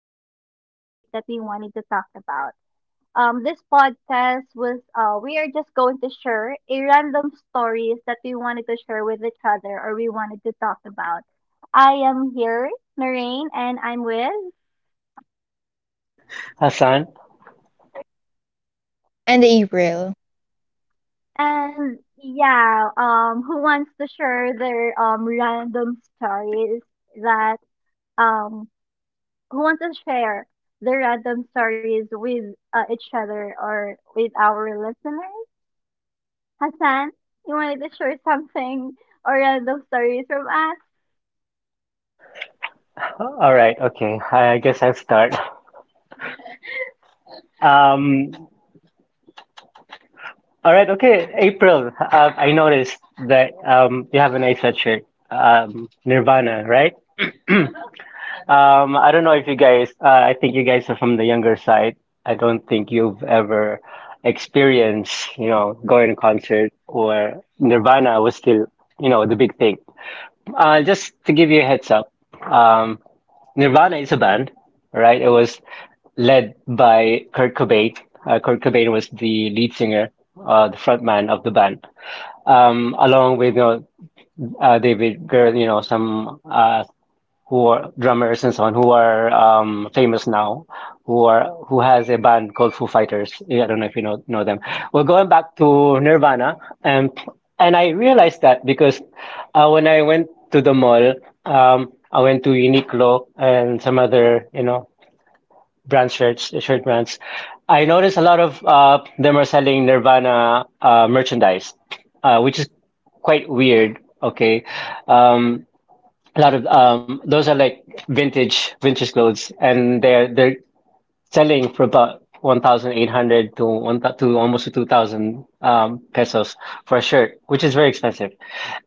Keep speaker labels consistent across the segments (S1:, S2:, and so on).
S1: specific topic that we wanted to talk about. This podcast was, we are just going to share a random stories that we wanted to share with each other or we wanted to talk about. I am here, Noreen, and I'm with,
S2: Hassan?
S3: And April.
S1: and yeah, who wants to share their random stories that um who want to share their random stories with each other or with our listeners. Hassan, you wanted to share something or random stories from us?
S2: All right, okay. I guess I'll start. Um, all right, okay. April, I noticed that you have an nice shirt, Nirvana, right? I don't know if you guys, I think you guys are from the younger side. I don't think you've ever experienced, you know, going to concert where Nirvana was still, you know, the big thing. Just to give you a heads up, um, Nirvana is a band, right? It was led by Kurt Cobain. Kurt Cobain was the lead singer, the frontman of the band, along with you know, David Girl, you know, some who are drummers and so on who are famous now, who has a band called Foo Fighters. Yeah, I don't know if you know them. Well, going back to Nirvana, and I realized that because when I went to the mall, I went to Uniqlo and some other you know shirt brands. I noticed a lot of them are selling Nirvana merchandise, which is quite weird. Okay, um, a lot of those are like vintage clothes and they're selling for about 1,800 to to almost 2,000 pesos for a shirt, which is very expensive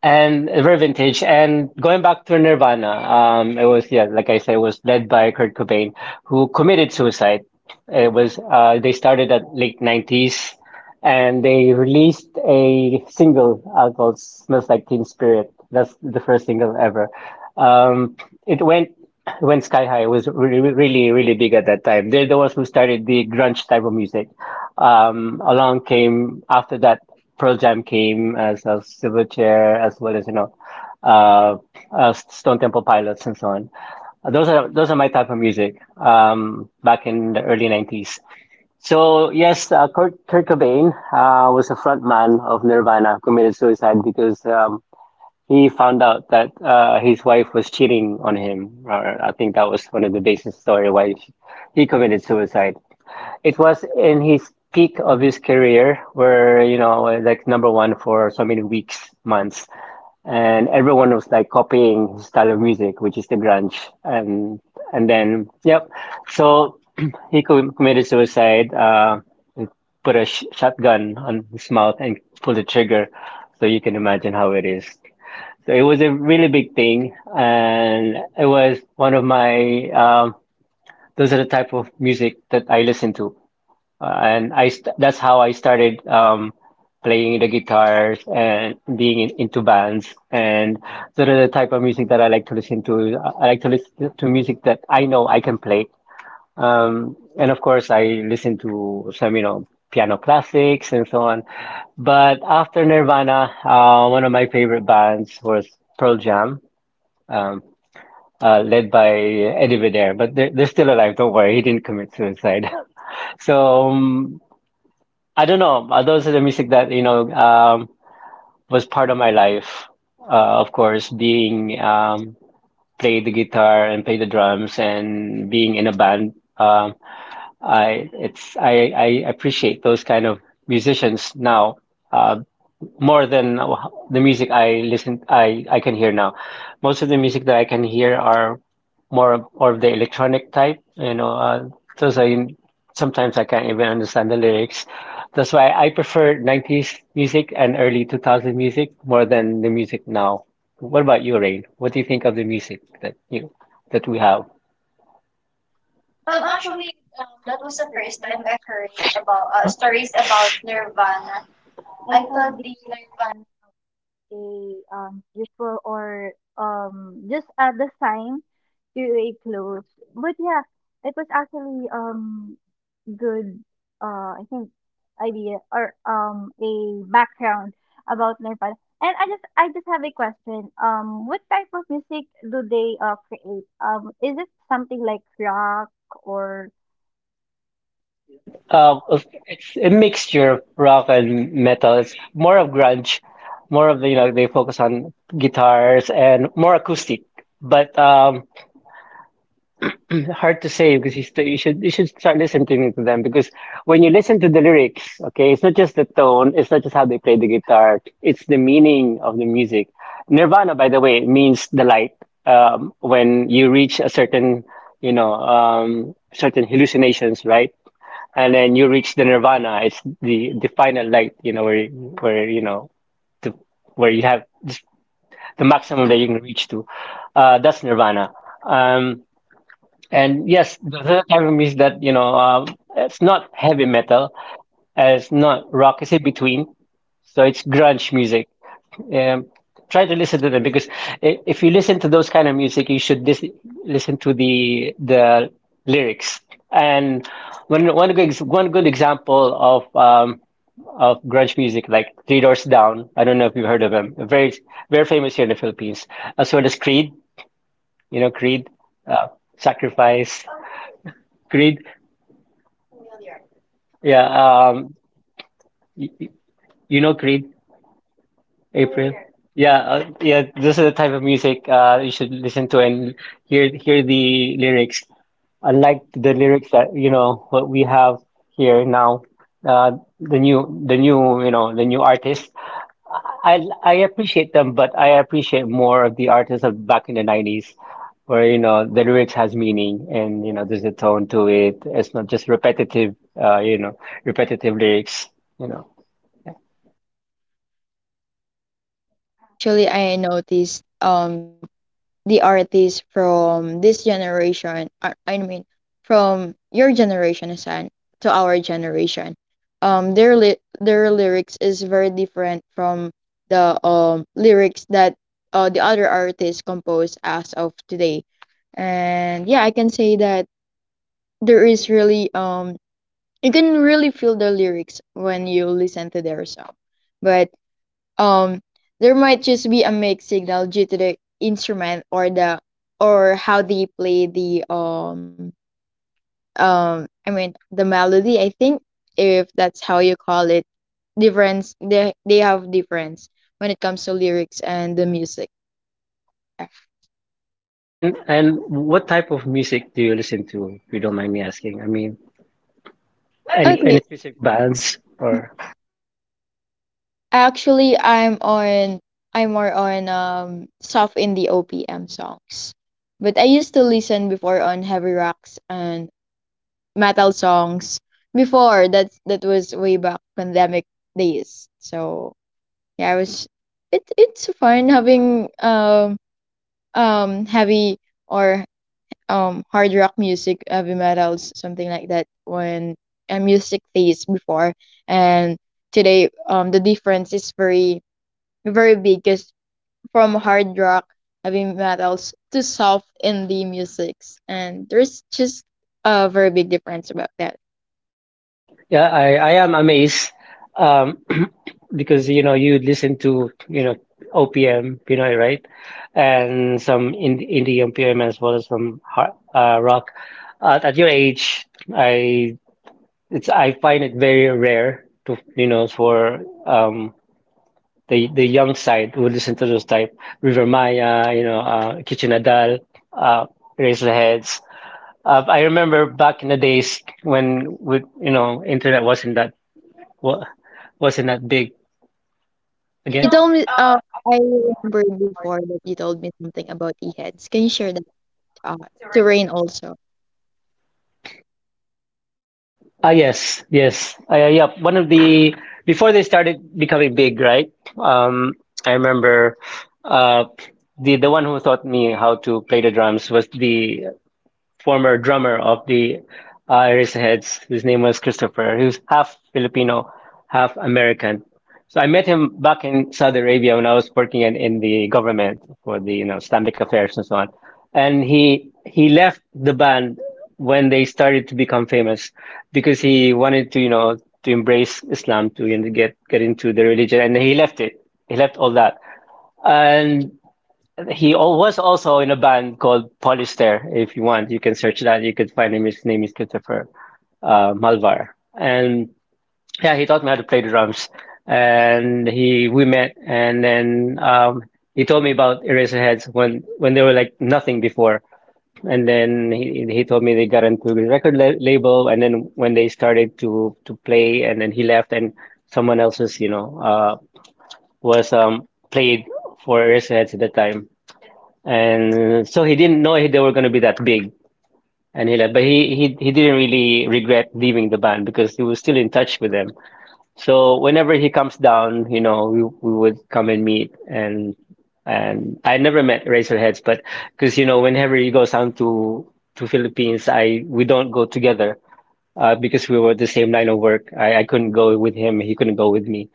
S2: and very vintage. And going back to Nirvana, it was yeah, like I said, it was led by Kurt Cobain, who committed suicide. It was they started at late nineties and they released a single called Smells Like Teen Spirit. That's the first single ever. Um, it went it went sky high. It was really, really big at that time. They're the ones who started the grunge type of music. Along came after that Pearl Jam came as a Silverchair as well as you know uh, Stone Temple Pilots and so on. Those are my type of music back in the early nineties. So yes, Kurt Cobain was a frontman of Nirvana, committed suicide because he found out that his wife was cheating on him. Or I think that was one of the basis story why he committed suicide. It was in his peak of his career, where you know, like number one for so many weeks, months and everyone was like copying his style of music, which is the grunge. And and then yep, so committed suicide. He put a shotgun on his mouth and pulled the trigger, so you can imagine how it is. So it was a really big thing, and it was one of my those are the type of music that I listen to and I st that's how I started playing the guitars and being in, into bands. And sort of the type of music that I like to listen to, I like to listen to music that I know I can play. And of course, I listen to some, you know, piano classics and so on. But after Nirvana, one of my favorite bands was Pearl Jam, um, led by Eddie Vedder. But they're still alive, don't worry, he didn't commit suicide. So I don't know. Those are the music that, you know, was part of my life. Of course, being play the guitar and play the drums and being in a band. I appreciate those kind of musicians now. Um, more than the music I listen I can hear now. Most of the music that I can hear are more of, or of the electronic type, you know, those I sometimes I can't even understand the lyrics. That's why I prefer nineties music and early 2000 music more than the music now. What about you, Rain? What do you think of the music that you that we have?
S1: Actually, what was the first time that I saw this one a usual or just a design to a clothes. But yeah, it was actually good I think idea or a background about Nepal. And I just have a question. What type of music do they create? Is it something like rock or
S2: Yeah, um, it's a mixture of rock and metal. It's more of grunge, more of you know they focus on guitars and more acoustic. But hard to say because you should start listening to them because when you listen to the lyrics, okay, it's not just the tone, it's not just how they play the guitar, it's the meaning of the music. Nirvana, by the way, means the light. When you reach a certain, you know, certain hallucinations, right? And then you reach the nirvana. It's the final light, you know, where the, where you have just the maximum that you can reach to. That's nirvana. Um, and yes, the third album is that you know it's not heavy metal, it's not rock, it's in between. So it's grunge music. Um, try to listen to them because eh, if you listen to those kind of music, you should listen to the lyrics. And one one good ex- one good example of grunge music, like Three Doors Down. I don't know if you've heard of them. Very famous here in the Philippines, as well as Creed. You know Creed, uh, Sacrifice, Creed. Yeah, y- y- you know Creed. April. Yeah, yeah, this is the type of music you should listen to and hear the lyrics. Unlike the lyrics that, you know, what we have here now, uh, you know, the new artists. I appreciate them, but I appreciate more of the artists of back in the nineties where, you know, the lyrics has meaning and, you know, there's a tone to it. It's not just repetitive, you know, repetitive lyrics, you know.
S3: Yes, actually, I noticed the artists from this generation, I mean, from your generation, Hassan, to our generation, um, their li their lyrics is very different from the lyrics that the other artists compose as of today, and yeah, I can say that there is really you can really feel the lyrics when you listen to their song, but um there might just be a mixed signal due to the instrument or the or how they play the I mean the melody, I think, if that's how you call it. Difference they have difference when it comes to lyrics and the music.
S2: And what type of music do you listen to, if you don't mind me asking? I mean, any
S3: Okay,
S2: specific bands or
S3: actually, I'm more on soft indie OPM songs, but I used to listen before on heavy rocks and metal songs before that. That was way back pandemic days, so yeah, I was it's fun having heavy or hard rock music, heavy metals, something like that, when music phase before. And today the difference is very big because from hard rock, heavy metals to soft indie musics, and there's just a very big difference about that.
S2: yeah, I am amazed um because you know you listen to you know OPM Pinoy right and some indie OPM as well as some hard, rock at your age I I find it very rare to you know for the young side would listen to those type River Maya, you know, Kitchen Adal, uh, Raise the Heads. I remember back in the days when we you know internet wasn't wa- wasn't that big again.
S3: You told me, I remembered before that you told me something about e-heads. Can you share that uh, to Rain also?
S2: Ah yes, yes, yep. One of the before they started becoming big, right? Um, I remember uh, the one who taught me how to play the drums was the former drummer of the Irisheads. His name was Christopher. He was half Filipino, half American. So I met him back in Saudi Arabia when I was working in the government for the you know Islamic affairs and so on. And he left the band when they started to become famous because he wanted to you know to embrace Islam to you know, get into the religion and he left it. He left all that. And he was also in a band called Polyster. If you want, you can search that. You could find him. His name is Christopher Malvar. And yeah, he taught me how to play the drums. And he we met, and then he told me about Eraserheads when they were like nothing before. And then he told me they got into the label, and then when they started to play, and then he left, and someone else's you know was played for Eraserheads at the time and so he didn't know they were going to be that big and he left but he didn't really regret leaving the band because he was still in touch with them so whenever he comes down you know we would come and meet and I never met razorheads but because you know whenever he goes down to philippines I we don't go together because we were the same line of work I couldn't go with him he couldn't go with me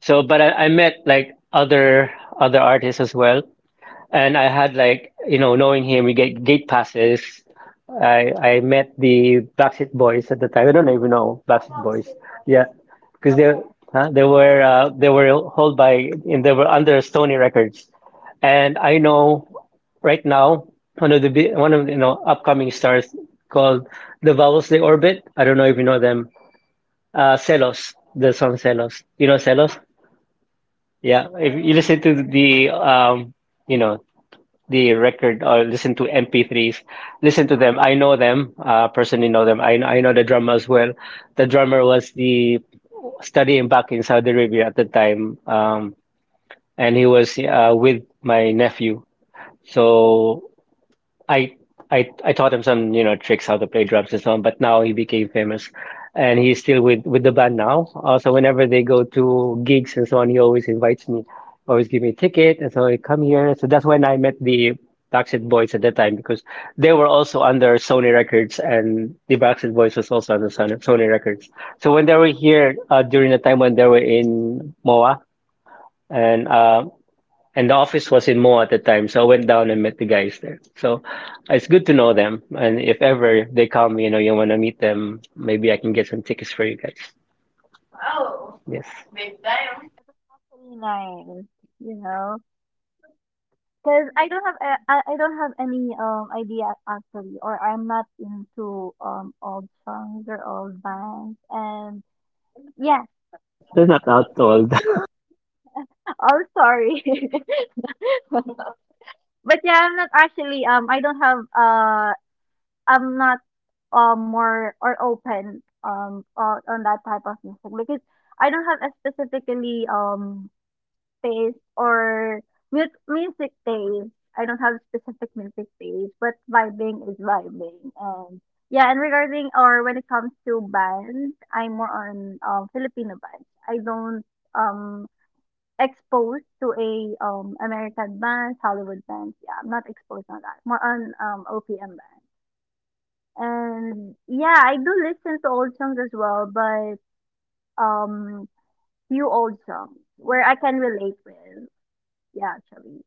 S2: so but I met like other artists as well and I had like, you know, knowing him, we get gate passes. I met the Backstreet Boys at the time. I don't even know Backstreet Boys. Yeah, because they huh? They were held by and they were under Sony Records. And I know right now one of the, you know upcoming stars called the Vowels They Orbit. I don't know if you know them. Celos, the song Celos. You know Celos? Yeah. If you listen to the you know the record or listen to MP3s. Listen to them. I know them. Personally know them. I know the drummer as well. The drummer was the studying back in Saudi Arabia at the time, and he was with my nephew. So I I taught him some, you know, tricks how to play drums and so on, but now he became famous and he's still with the band now. So whenever they go to gigs and so on, he always invites me, always give me a ticket and so I come here. So that's when I met the Backstreet Boys at that time because they were also under Sony Records and the Backstreet Boys was also under Sony Records. So when they were here during the time when they were in MOA and uh, and the office was in Moa at the time, so I went down and met the guys there. So it's good to know them, and if ever they come, you know, you want to meet them, maybe I can get some tickets for you guys. Yes,
S1: nine, you know? Because I don't have any idea actually or I'm not into old songs or old bands and yeah,
S2: they're not out old.
S1: oh sorry. But yeah, I'm not actually I don't have I'm not more or open on that type of music because I don't have a specifically taste or music taste. I don't have specific music taste, but vibing is vibing. And yeah, and regarding or when it comes to bands, I'm more on Filipino bands. I don't um Exposed to a, American bands, Hollywood bands. Yeah, I'm not exposed on that. More on OPM bands. And yeah, I do listen to old songs as well, but um few old songs where I can relate with. Yeah, actually.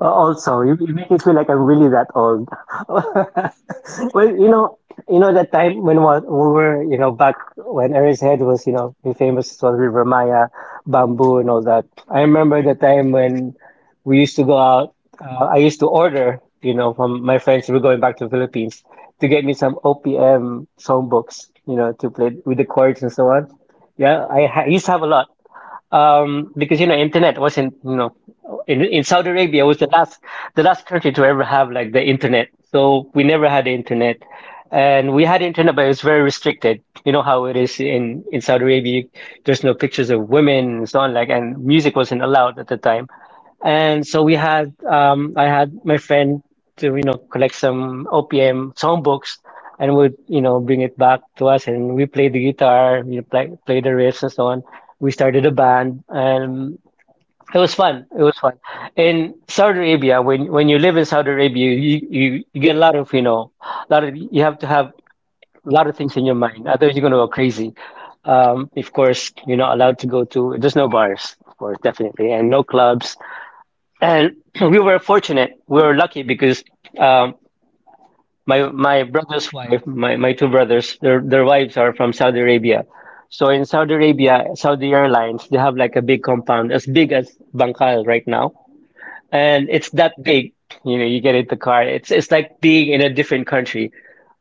S2: Also, you make me feel like I'm really that old. Well, you know that time when we were, you know, back when Aries Head was, you know, famous as well, River Maya, Bamboo, and all that. I remember the time when we used to go out. I used to order, you know, from my friends who were going back to the Philippines to get me some OPM songbooks, you know, to play with the chords and so on. Yeah, I used to have a lot because you know internet wasn't you know in Saudi Arabia was the last country to ever have like the internet. So we never had the internet, and we had internet, but it was very restricted. You know how it is in Saudi Arabia. There's no pictures of women and so on. Like and music wasn't allowed at the time. And so we had, I had my friend to, you know, collect some OPM songbooks and would, you know, bring it back to us. And we played the guitar, you know, play the riffs and so on. We started a band and it was fun. It was fun. In Saudi Arabia, when you live in Saudi Arabia, you get a lot of, you know, a lot of, you have to have a lot of things in your mind. Otherwise, you're going to go crazy. Of course, you're not allowed to go to, there's no bars, of course, definitely, and no clubs and we were fortunate. We were lucky because um, my brother's wife, my two brothers, their wives are from Saudi Arabia. So in Saudi Arabia, Saudi Airlines, they have like a big compound as big as Bangkal right now, and it's that big. You know, you get in the car. It's like being in a different country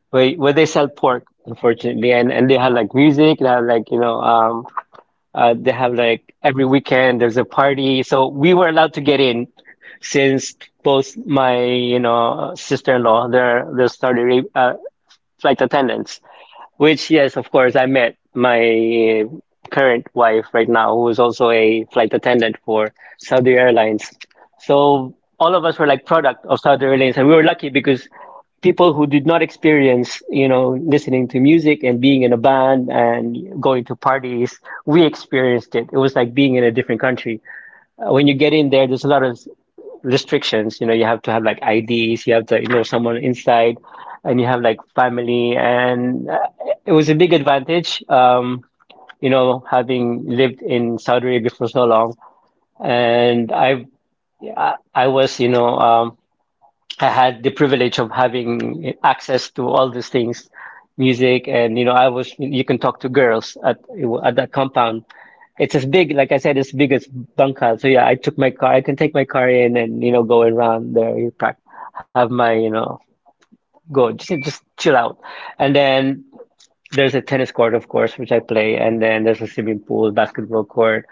S2: where they sell pork, unfortunately, and they have like music, they have like you know they have like every weekend there's a party. So we were allowed to get in since both my, you know, sister-in-law, they're started flight attendants, which yes, of course, I met my current wife right now, who is also a flight attendant for Saudi Airlines. So all of us were like product of Saudi Airlines, and we were lucky because people who did not experience, you know, listening to music and being in a band and going to parties, we experienced it. It was like being in a different country. When you get in there, there's a lot of restrictions. You know, you have to have like IDs, you have to you know someone inside, and you have like family. And it was a big advantage, you know, having lived in Saudi Arabia for so long. And I was, you know, I had the privilege of having access to all these things, music, and you know, I was you can talk to girls at that compound. It's as big, like I said, as big as Bangkal. So yeah, I took my car. I can take my car in and you know go around there. Have my you know go just chill out, and then there's a tennis court, of course, which I play, and then there's a swimming pool, basketball court.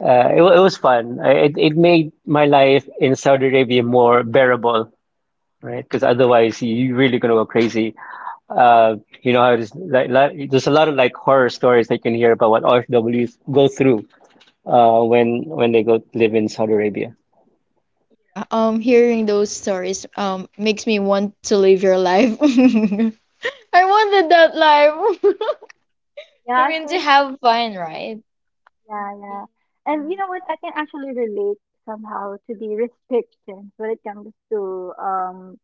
S2: It was fun. I- It made my life in Saudi Arabia more bearable, right? Because otherwise, you're really gonna go crazy. Uh, you know how it is. There's a lot of like horror stories that you can hear about what RFWs go through when they go live in Saudi Arabia.
S3: Yeah, hearing those stories makes me want to live your life. I wanted that life.
S1: Yeah,
S3: I mean, to
S1: actually.
S3: have fun, right?
S1: Yeah, yeah. And you know what? I can actually relate somehow to the restrictions when it comes to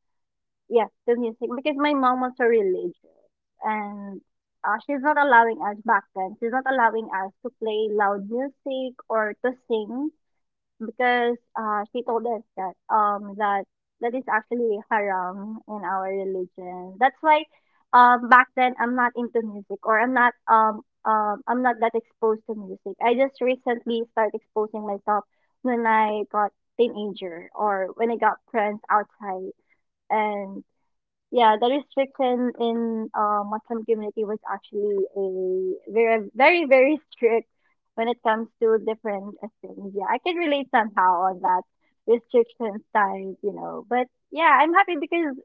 S1: yeah, the music because my mom was so religious. And she's not allowing us back then. She's not allowing us to play loud music or to sing because she told us that that is actually haram in our religion. That's why back then I'm not into music or I'm not that exposed to music. I just recently started exposing myself when I got teenager or when I got friends outside. And yeah, the restriction in Muslim community was actually a very, very, very strict when it comes to different things. Yeah, I can relate somehow on that restrictions times, you know. But yeah, I'm happy because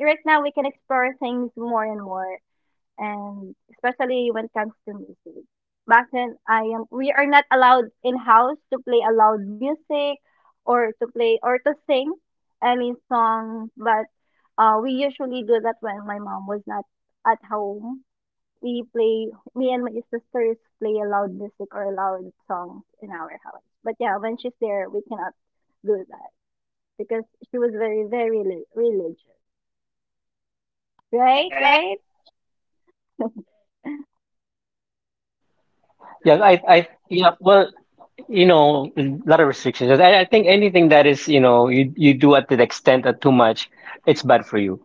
S1: right now we can explore things more and more, and especially when it comes to music. Back then, I am we are not allowed in house to play a loud music or to play or to sing any song, but we usually do that when my mom was not at home. We play me and my sisters play a loud music or a loud songs in our house. But yeah, when she's there, we cannot do that because she was very religious. Right, right.
S2: Yeah, I, yeah. Well, you know, a lot of restrictions. I think anything that is, you know, you do at the extent of too much, it's bad for you.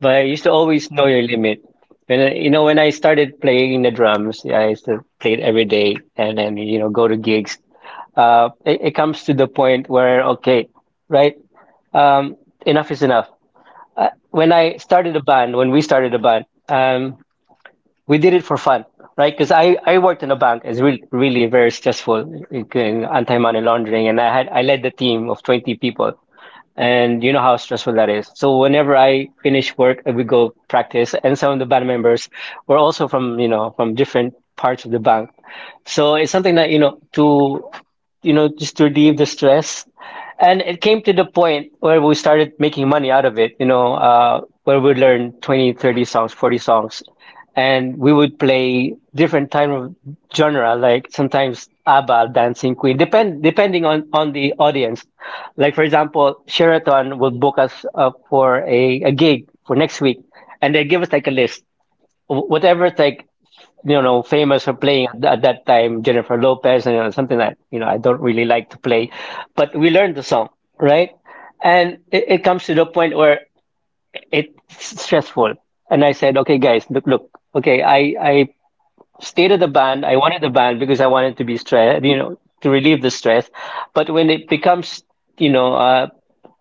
S2: But I used to always know your limit. When when I started playing the drums, yeah, I used to play it every day, and then you know, go to gigs it comes to the point where okay, right? Um, Enough is enough. When we started a band, we did it for fun, right? Because I worked in a bank. It's really really very stressful, in anti-money laundering, and I led the team of 20 people, and you know how stressful that is. So whenever I finish work, we go practice, and some of the band members were also from, you know, from different parts of the bank. So it's something that, you know, to, you know, just to relieve the stress. And it came to the point where we started making money out of it, you know, where we learned 20, 30 songs, 40 songs, and we would play different type of genre, like sometimes ABBA, Dancing Queen, depending on the audience. Like for example, Sheraton will book us for a gig for next week, and they give us like a list, whatever's like you know famous for playing at that time, Jennifer Lopez and you know, something that you know I don't really like to play, but we learned the song, right? It comes to the point where it's stressful, and I said, okay, guys, look, look, okay, I stated the band, I wanted the band because I wanted to be stressed, you know, to relieve the stress, but when it becomes you know,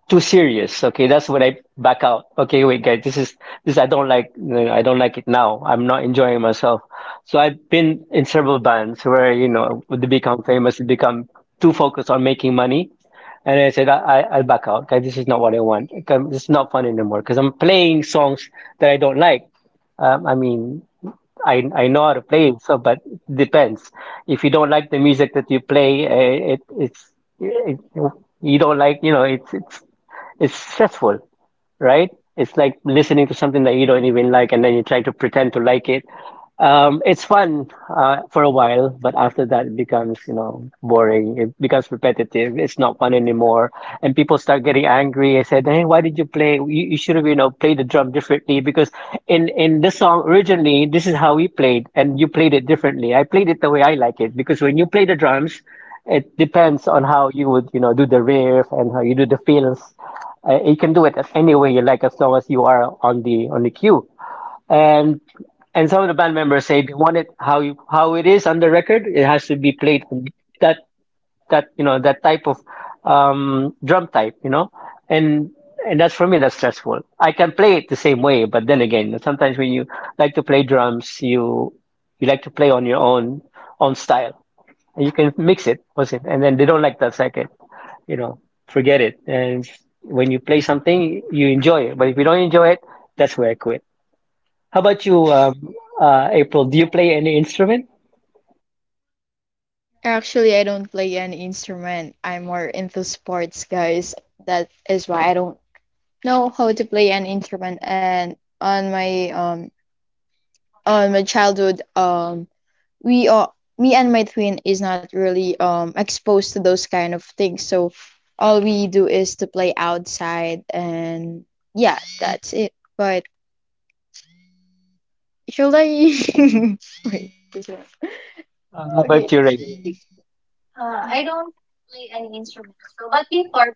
S2: too serious. Okay, that's when I back out. Okay, wait, guys, this is this I don't like. I don't like it now. I'm not enjoying myself. So I've been in several bands where you know they become famous, they become too focused on making money, and I said I'll back out. Guys, this is not what I want. It's not fun anymore because I'm playing songs that I don't like. Um, I mean, I know how to play, so but it depends. If you don't like the music that you play, it, you don't like, you know, it's stressful, right? It's like listening to something that you don't even like, and then you try to pretend to like it. It's fun for a while, but after that, it becomes, you know, boring. It becomes repetitive. It's not fun anymore, and people start getting angry. I said, "Hey, why did you play? You should have, you know, played the drum differently because in this song originally, this is how we played, and you played it differently. I played it the way I like it because when you play the drums, it depends on how you would, you know, do the riff and how you do the fills, you can do it at any way you like as long as you are on the queue. And some of the band members say they want it how you, how it is on the record. It has to be played on that that you know that type of drum type, you know. And that's for me that's stressful. I can play it the same way, but then again, sometimes when you like to play drums, you like to play on your own style, and you can mix it, wasn't? And then they don't like that second you know, forget it. And when you play something, you enjoy it. But if you don't enjoy it, that's where I quit. How about you, April? Do you play any instrument?
S3: Actually, I don't play any instrument. I'm more into sports, guys. That is why I don't know how to play an instrument. And on my childhood, we are me and my twin is not really exposed to those kind of things, so all we do is to play outside. And yeah, that's it. But should I wait this one.
S2: How about
S3: Okay.
S2: you, Ray?
S1: I don't play any instrument. So, but before,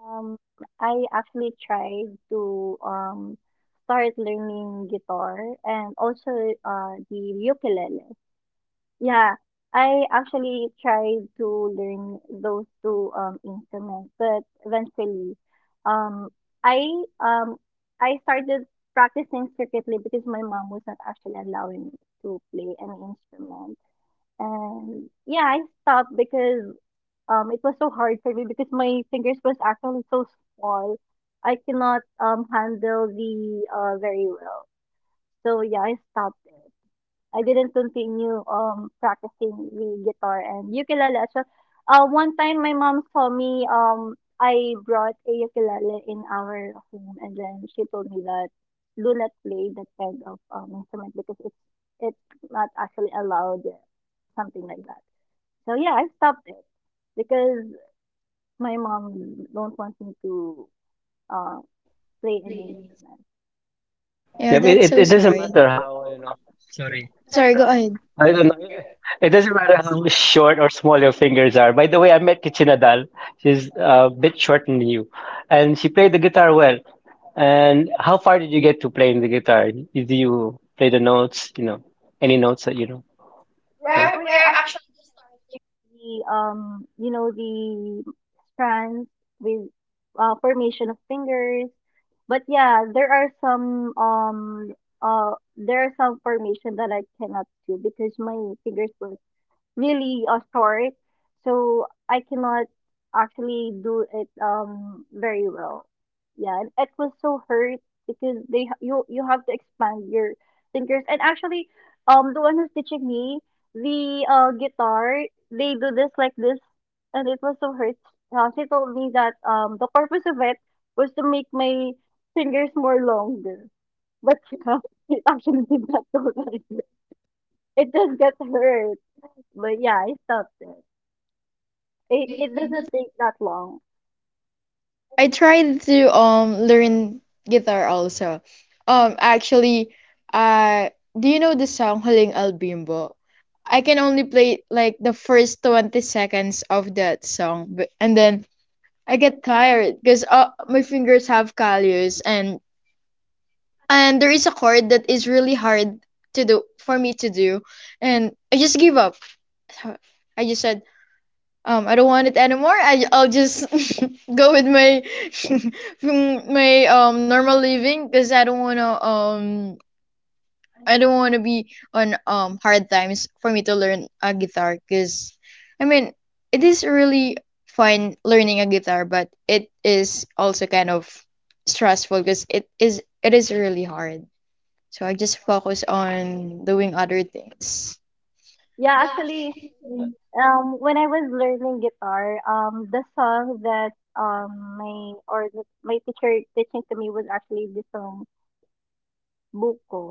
S1: um, I actually tried to start learning guitar and also the ukulele. Yeah, I actually tried to learn those two instruments, but eventually, um, I um I started practicing secretly because my mom was not actually allowing me to play any instrument. And yeah, I stopped because it was so hard for me because my fingers was actually so small. I cannot handle the very well. So yeah, I stopped it. I didn't continue practicing the guitar and ukulele as well. One time my mom saw me I brought a ukulele in our home, and then she told me that do not play that kind of instrument because it's not actually allowed, something like that. So yeah, I stopped it because my mom don't want me to uh play an instrument.
S3: Yeah,
S2: Yeah,
S3: that's
S2: it
S3: so
S2: it doesn't
S3: sorry.
S2: matter how, you know, sorry.
S3: Sorry, go ahead.
S2: I don't know. It doesn't matter how short or small your fingers are. By the way, I met Kichinadal. She's a bit shorter than you. And she played the guitar well. And how far did you get to playing the guitar? Did you play the notes, you know, any notes that you know?
S1: We are
S2: Yeah.
S1: we are actually you know the strands with formation of fingers, but yeah, uh there are some formation that I cannot do because my fingers were really short, so I cannot actually do it very well. Yeah, and it was so hurt because you you have to expand your fingers. And actually, the one who's teaching me the guitar, they do this like this, and it was so hurt. She told me that the purpose of it was to make my fingers more longer, but yeah, it actually did not go like that. It just got hurt. But yeah, I stopped it. It doesn't take that long.
S3: I tried to learn guitar also. Actually, uh do you know the song Huling Albimbo? I can only play like the first 20 seconds of that song, but, and then I get tired because my fingers have callus, and there is a chord that is really hard to do for me to do, and I just give up. So I just said, I don't want it anymore. I'll just go with my my normal living because I don't wanna be on hard times for me to learn a guitar, because I mean, it is really fun learning a guitar, but it is also kind of stressful because it is really hard. So I just focus on doing other things.
S1: Yeah, actually, when I was learning guitar, the song that my teacher teaching to me was actually the song Buko.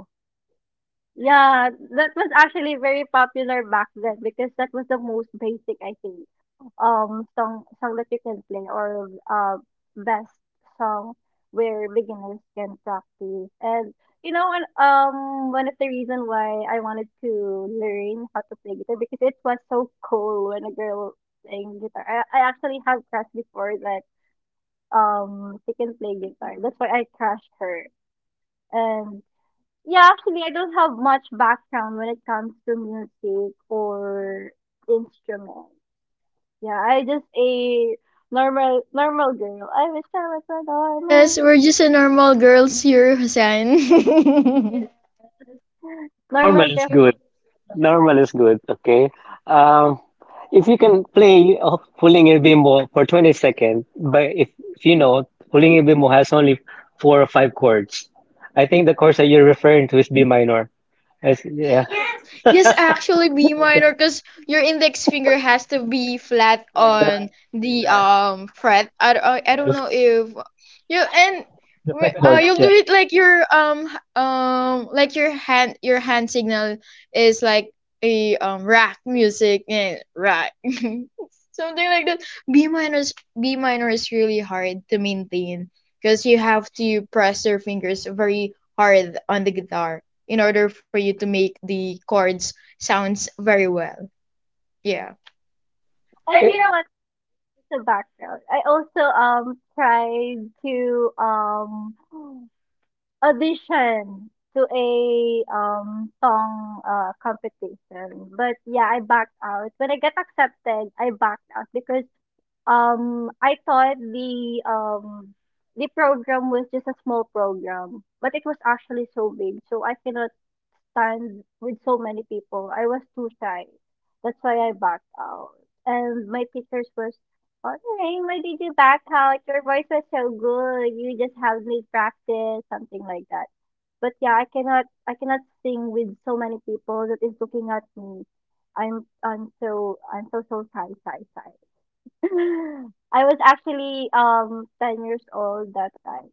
S1: Yeah, that was actually very popular back then because that was the most basic, I think, song that you can play or best song where beginners can practice. And you know, and one of the reason why I wanted to learn how to play guitar because it was so cool when a girl playing guitar. I actually have crushed before that she can play guitar. That's why I crushed her. And yeah, actually, I don't have much background when it comes to music or instruments. Yeah, I just a normal girl. I wish I was a normal
S3: Yes,
S1: girl.
S3: we're just a normal girls here, Hussein.
S2: No, normal
S1: Normal
S2: is
S1: girl.
S2: good. Normal is good. Okay. Um, if you can play Pulling a Bimbo for 20 seconds, but if you know, Pulling a Bimbo has only four or five chords. I think the chords that you're referring to is B minor. It's- yeah.
S3: Yes, actually
S2: Like
S3: B minor,
S2: that,
S3: because your index finger has to be flat
S2: that
S3: on the fret. I don't know if you and
S2: chord,
S3: you'll do
S2: yeah.
S3: it like your like your hand signal is like a rock music and rock something like that. B minor is B minor is really hard to maintain because you have to press your fingers very hard on the guitar in order for you to make the chords sounds very well. Yeah.
S1: And you know what? It's a background. I also tried to audition to a song competition. But yeah, I backed out. When I got accepted, I backed out because I thought the program was just a small program, but it was actually so big. So I cannot stand with so many people. I was too shy. That's why I backed out. And my teachers was, okay, why did you back out? Your voice was so good. You just have me practice, something like that. But yeah, I cannot sing with so many people that is looking at me. I'm so shy. I was actually 10 years old that time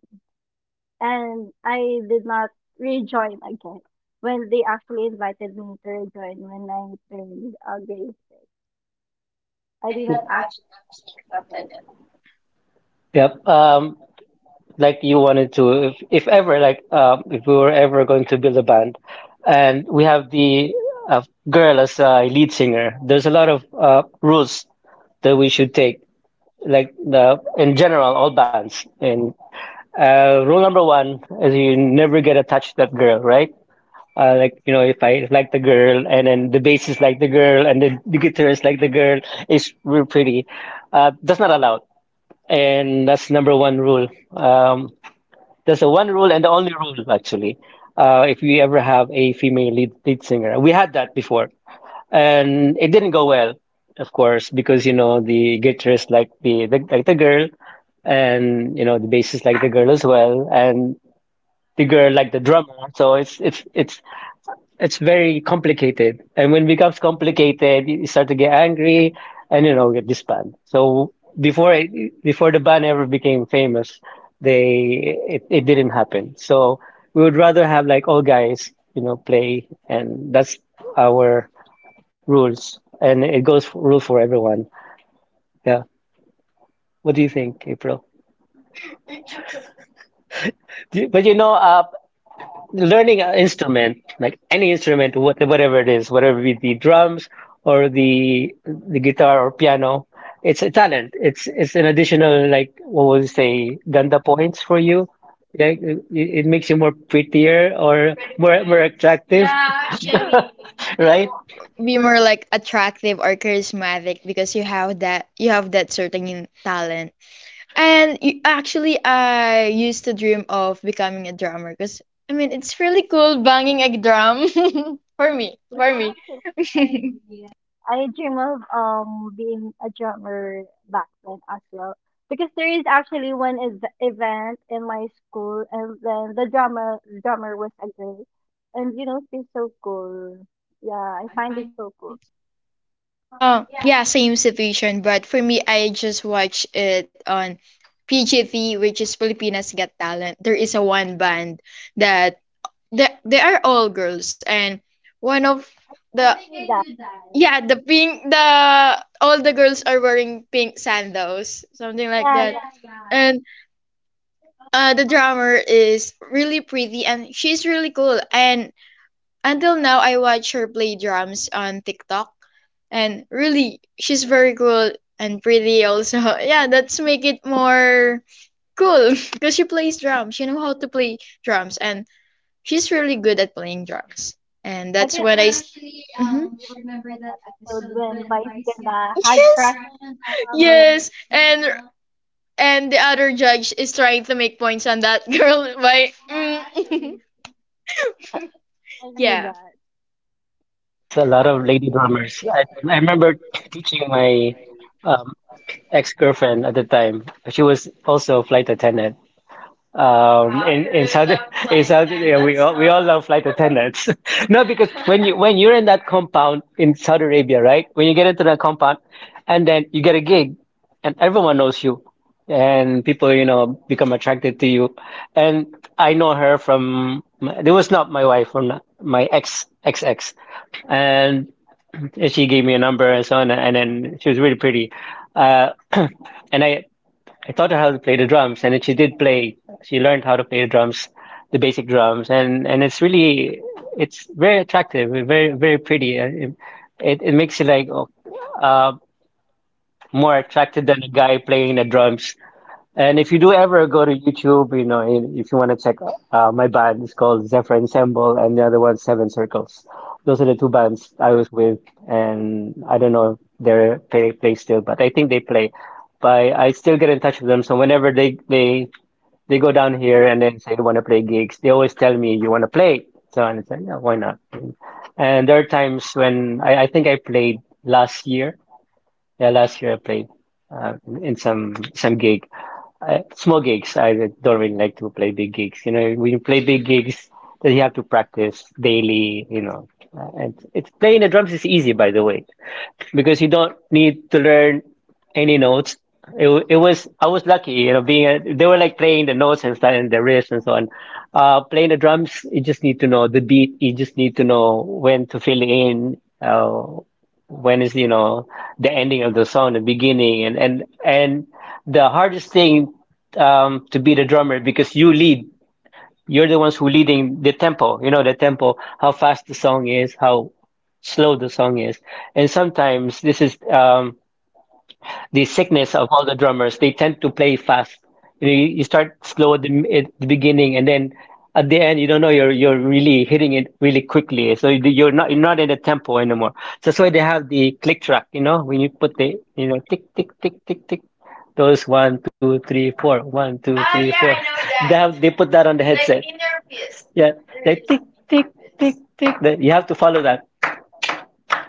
S1: and I did not rejoin again. When they actually invited me to rejoin when I turned grade six, I did not ask them again.
S2: Yep. Like you wanted to if ever like if we were ever going to build a band, and we have the uh, girl as a lead singer. There's a lot of rules that we should take, like the in general all bands. And rule number one is you never get attached to that girl, right? Like you know, if I like the girl, and then the bass is like the girl, and the guitar is like the girl, is real pretty. That's not allowed, and that's number one rule. um, that's the one rule and the only rule, actually. If we ever have a female lead singer, we had that before, and it didn't go well, of course, because you know the guitarist like the like the girl, and you know the bassist like the girl as well, and the girl like the drummer. So it's it's very complicated. And when it becomes complicated, you start to get angry and, you know, get disbanded. So before the band ever became famous, they it didn't happen. So we would rather have like all guys, you know, play, and that's our rules, and it goes for, rule for everyone. Yeah. What do you think, April? Do you- But you know, learning an instrument, like any instrument, whatever it is, whatever it be drums or the guitar or piano, it's a talent. It's an additional like what would you say, ganda points for you. Like it makes you more prettier or more attractive,
S3: Be
S2: right?
S3: more like attractive or charismatic, because you have that certain talent. And you, actually I used to dream of becoming a drummer because I mean, it's really cool banging a drum for me.
S1: That
S3: For me.
S1: again. I dream of being a drummer back then as well because there is actually one event in my school, and then the drummer was a girl, and you know she's so cool. Yeah, I find it so cool. Yeah,
S3: Yeah, same situation, but for me, I just watch it on PGT, which is Filipinas Got Talent. There is a one band that they are all girls, and one of
S1: I
S3: the
S1: knew that.
S3: yeah, the pink, the all the girls are wearing pink sandals, something like
S1: Yeah,
S3: that.
S1: yeah.
S3: And the drummer is really pretty, and she's really cool, and until now I watch her play drums on TikTok, and really she's very cool and pretty also. Yeah, that's make it more cool because she plays drums. She know how to play drums, and she's really good at playing drums. And
S1: I
S3: that's
S1: can
S3: when I s- Mhm.
S1: remember that episode when Vice Ganda had
S3: Yes.
S1: crushes on Glamour?
S3: Yes, and the other judge is trying to make points on that girl by
S1: Actually,
S3: mm.
S1: I knew
S3: Yeah.
S1: that.
S2: Yes, a lot of lady drummers. I remember teaching my um, ex-girlfriend at the time. She was also a flight attendant. In Saudi in Saudi Arabia, we all love flight attendants. No, because when you're in that compound in Saudi Arabia, right? When you get into that compound, and then you get a gig, and everyone knows you, and people you know become attracted to you. And I know her from my- it was not my wife, from my ex, and she gave me a number and so on, and then she was really pretty. Uh, and I taught her how to play the drums, and then she did play. She learned how to play the drums, the basic drums, and it's really it's very attractive, very pretty. It, it makes you like oh, uh, more attracted than a guy playing the drums. And if you do ever go to YouTube, you know, in- if you want to check my band, it's called Zephyr Ensemble, and the other one's Seven Circles. Those are the two bands I was with, and I don't know if they're they play still, but I think they play. But I still get in touch with them. So whenever they they go down here and then say they want to play gigs, they always tell me you want to play. So and it's like, yeah, why not? And there are times when I think I played last year. Yeah, last year I played in some gig, small gigs. I don't really like to play big gigs. You know, when you play big gigs, then you have to practice daily. You know, and it's playing the drums is easy, by the way, because you don't need to learn any notes. It was I was lucky, you know, being a, they were like playing the notes and stuff and the wrist and so on. Playing the drums, you just need to know the beat. You just need to know when to fill in, when is you know the ending of the song, the beginning, and and the hardest thing to be the drummer, because you lead, you're the ones who leading the tempo, you know the tempo, how fast the song is, how slow the song is. And sometimes this is the sickness of all the drummers. They tend to play fast. You know, you start slow at at the beginning, and then at the end, you don't know you're really hitting it really quickly. So you- you're not in the tempo anymore. So that's why they have the click track. You know, when you put the you know tick tick tick tick tick. Those 1 2 3 4, 1 2 3, four. They have they put that on the headset. Yeah, like tick tick tick tick. That you have to follow that.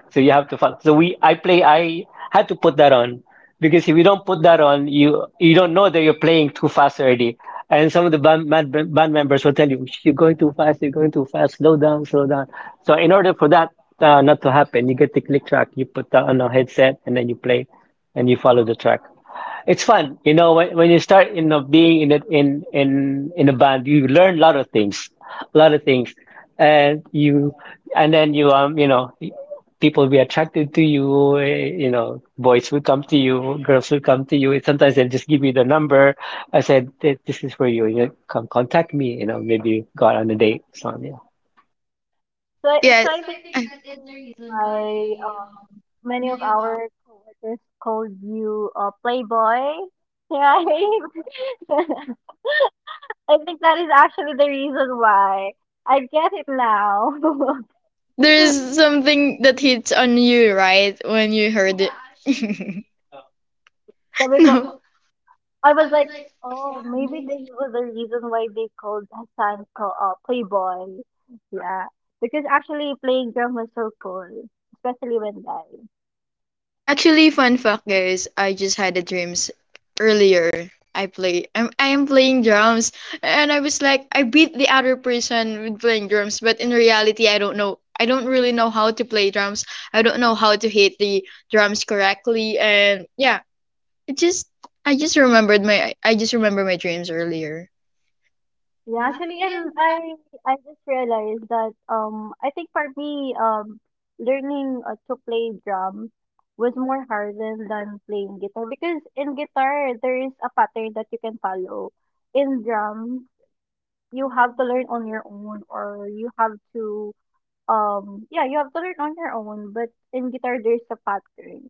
S2: So you have to follow. So I play, I had to put that on, because if you don't put that on, you don't know that you're playing too fast already. And some of the band members will tell you, you're going too fast, you're going too fast, slow down, slow down. So in order for that not to happen, you get the click track, you put that on a headset, and then you play, and you follow the track. It's fun, you know, when you start, you know, being in a, in a band, you learn a lot of things, a lot of things. And you and then you you know, people will be attracted to you. Eh, you know, boys will come to you, girls will come to you. Sometimes they'll just give you the number. I said, "This is for you. You know, come contact me." You know, maybe go out on a date. So yeah,
S1: So, so
S3: Yeah,
S1: I think the reason why many of our coworkers called you Playboy, right? I think that is actually the reason why. I get it now.
S3: there's something that hits on you, right? When you heard it. Actually,
S1: Sabi ko,
S3: let No.
S1: I was like, oh, maybe this was the reason why they called Hassan Playboy. Yeah, because actually playing drum was so cool, especially when guys.
S3: Actually, fun fact, guys, I just had a dreams earlier. I am playing drums, and I was like I beat the other person with playing drums, but in reality I don't really know how to play drums. I don't know how to hit the drums correctly, and yeah, it just I just remember my dreams earlier.
S1: Yeah, actually, and I just realized that I think for me learning to play drum was more harder than playing guitar because in guitar there is a pattern that you can follow. In drum, you have to learn on your own, or you have to yeah, you have to learn on your own, but in guitar there's a pattern.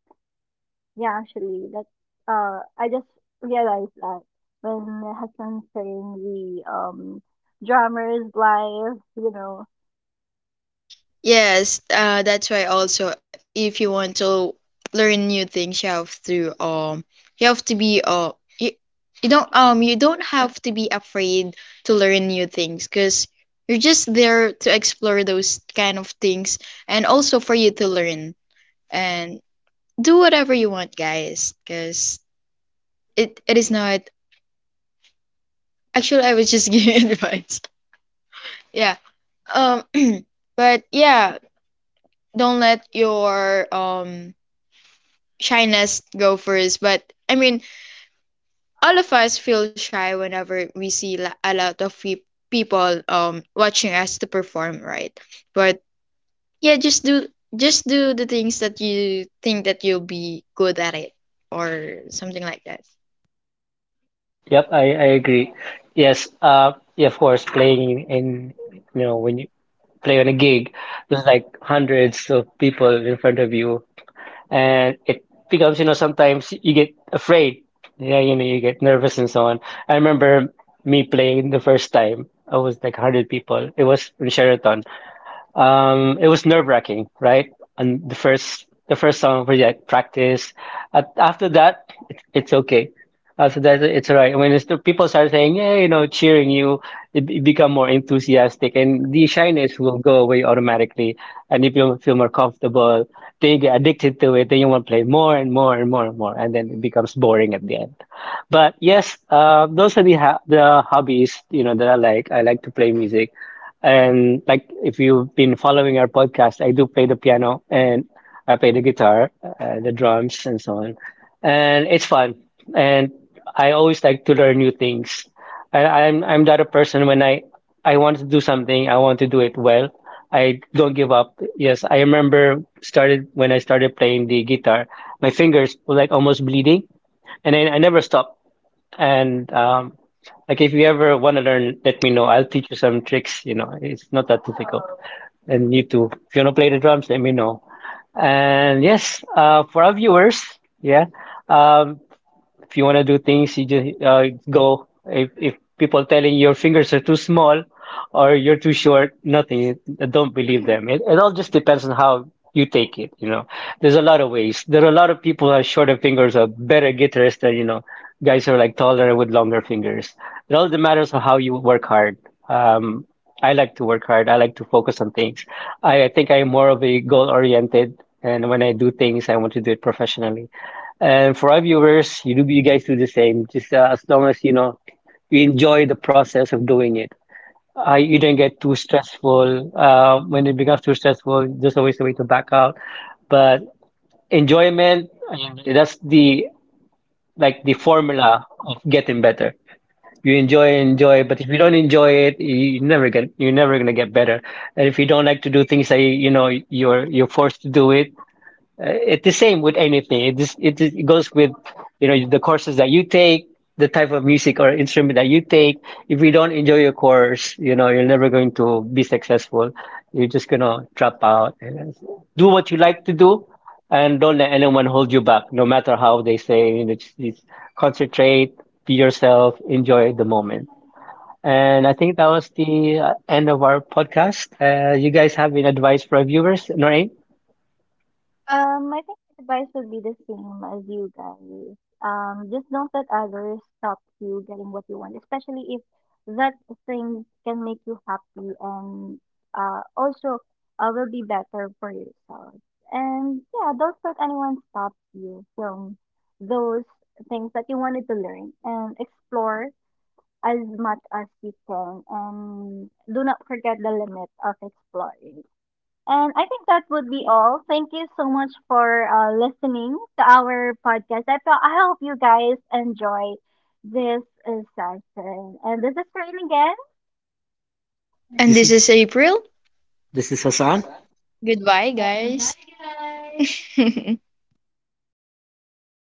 S1: Yeah, actually, that I just realized that when Hassan sang the drummer's live, you know,
S3: Yes, that's why also, if you want to learn new things, you have to be you, you don't have to be afraid to learn new things, because you're just there to explore those kind of things and also for you to learn and do whatever you want, guys, because it is not actually. I was just giving advice. Yeah. Um, but yeah, don't let your shyness go first. But I mean, all of us feel shy whenever we see a lot of people watching us to perform, right? But yeah, just do the things that you think that you'll be good at it or something like that.
S2: yep, I agree. Yes, yeah, of course, playing in you know when you play on a gig, there's like hundreds of people in front of you, and it becomes you know sometimes you get afraid, yeah, you know, you get nervous and so on. I remember me playing the first time, I was like 100 people, it was in Sheraton. It was nerve-wracking, right? And the first song we like practice. After that, it, it's okay. After that, it's all right. When it's, people start saying, yeah, you know, cheering you, it become more enthusiastic, and the shyness will go away automatically. And if you feel more comfortable, then you get addicted to it. Then you want to play more and more and more and more, and then it becomes boring at the end. But yes, those are the hobbies, you know, that I like. I like to play music. And like if you've been following our podcast, I do play the piano, and I play the guitar, the drums, and so on. And it's fun. And I always like to learn new things. And I'm that a person when I want to do something, I want to do it well. I don't give up. Yes, I remember started when I started playing the guitar, my fingers were like almost bleeding, and I never stopped. And like if you ever want to learn, let me know. I'll teach you some tricks. You know, it's not that difficult. And you too. If you want to play the drums, let me know. And yes, for our viewers, yeah. Um, if you want to do things, you just go. If people telling your fingers are too small or you're too short, nothing. Don't believe them. It all just depends on how you take it. You know, there's a lot of ways. There are a lot of people who have shorter fingers are better guitarists than you know guys who are like taller with longer fingers. It all matters on how you work hard. Um, I like to work hard. I like to focus on things. I think I'm more of a goal oriented, and when I do things, I want to do it professionally. And for our viewers, you do you guys do the same. Just as long as you know you enjoy the process of doing it. I You don't get too stressful. When it becomes too stressful, there's always a way to back out. But enjoyment, that's the like the formula of getting better. You enjoy, enjoy, but if you don't enjoy it, you never get you're never gonna get better. And if you don't like to do things that you know you're forced to do it, uh, it's the same with anything. It just it goes with you know the courses that you take, the type of music or instrument that you take. If you don't enjoy your course, you know you're never going to be successful. You're just gonna drop out. And do what you like to do, and don't let anyone hold you back. No matter how they say, you know, just concentrate, be yourself, enjoy the moment. And I think that was the end of our podcast. You guys have any advice for our viewers, Noreen?
S1: I think my advice would be the same as you guys. Just don't let others stop you getting what you want, especially if that thing can make you happy and also will be better for yourself. And yeah, don't let anyone stop you from those things that you wanted to learn and explore as much as you can. And do not forget the limit of exploring. And I think that would be all. Thank you so much for listening to our podcast. I, thought, I hope you guys enjoy this session. And this is Rain
S3: And
S2: This
S3: this
S2: is
S3: is
S1: again.
S3: April.
S2: Hassan.
S3: Goodbye, guys.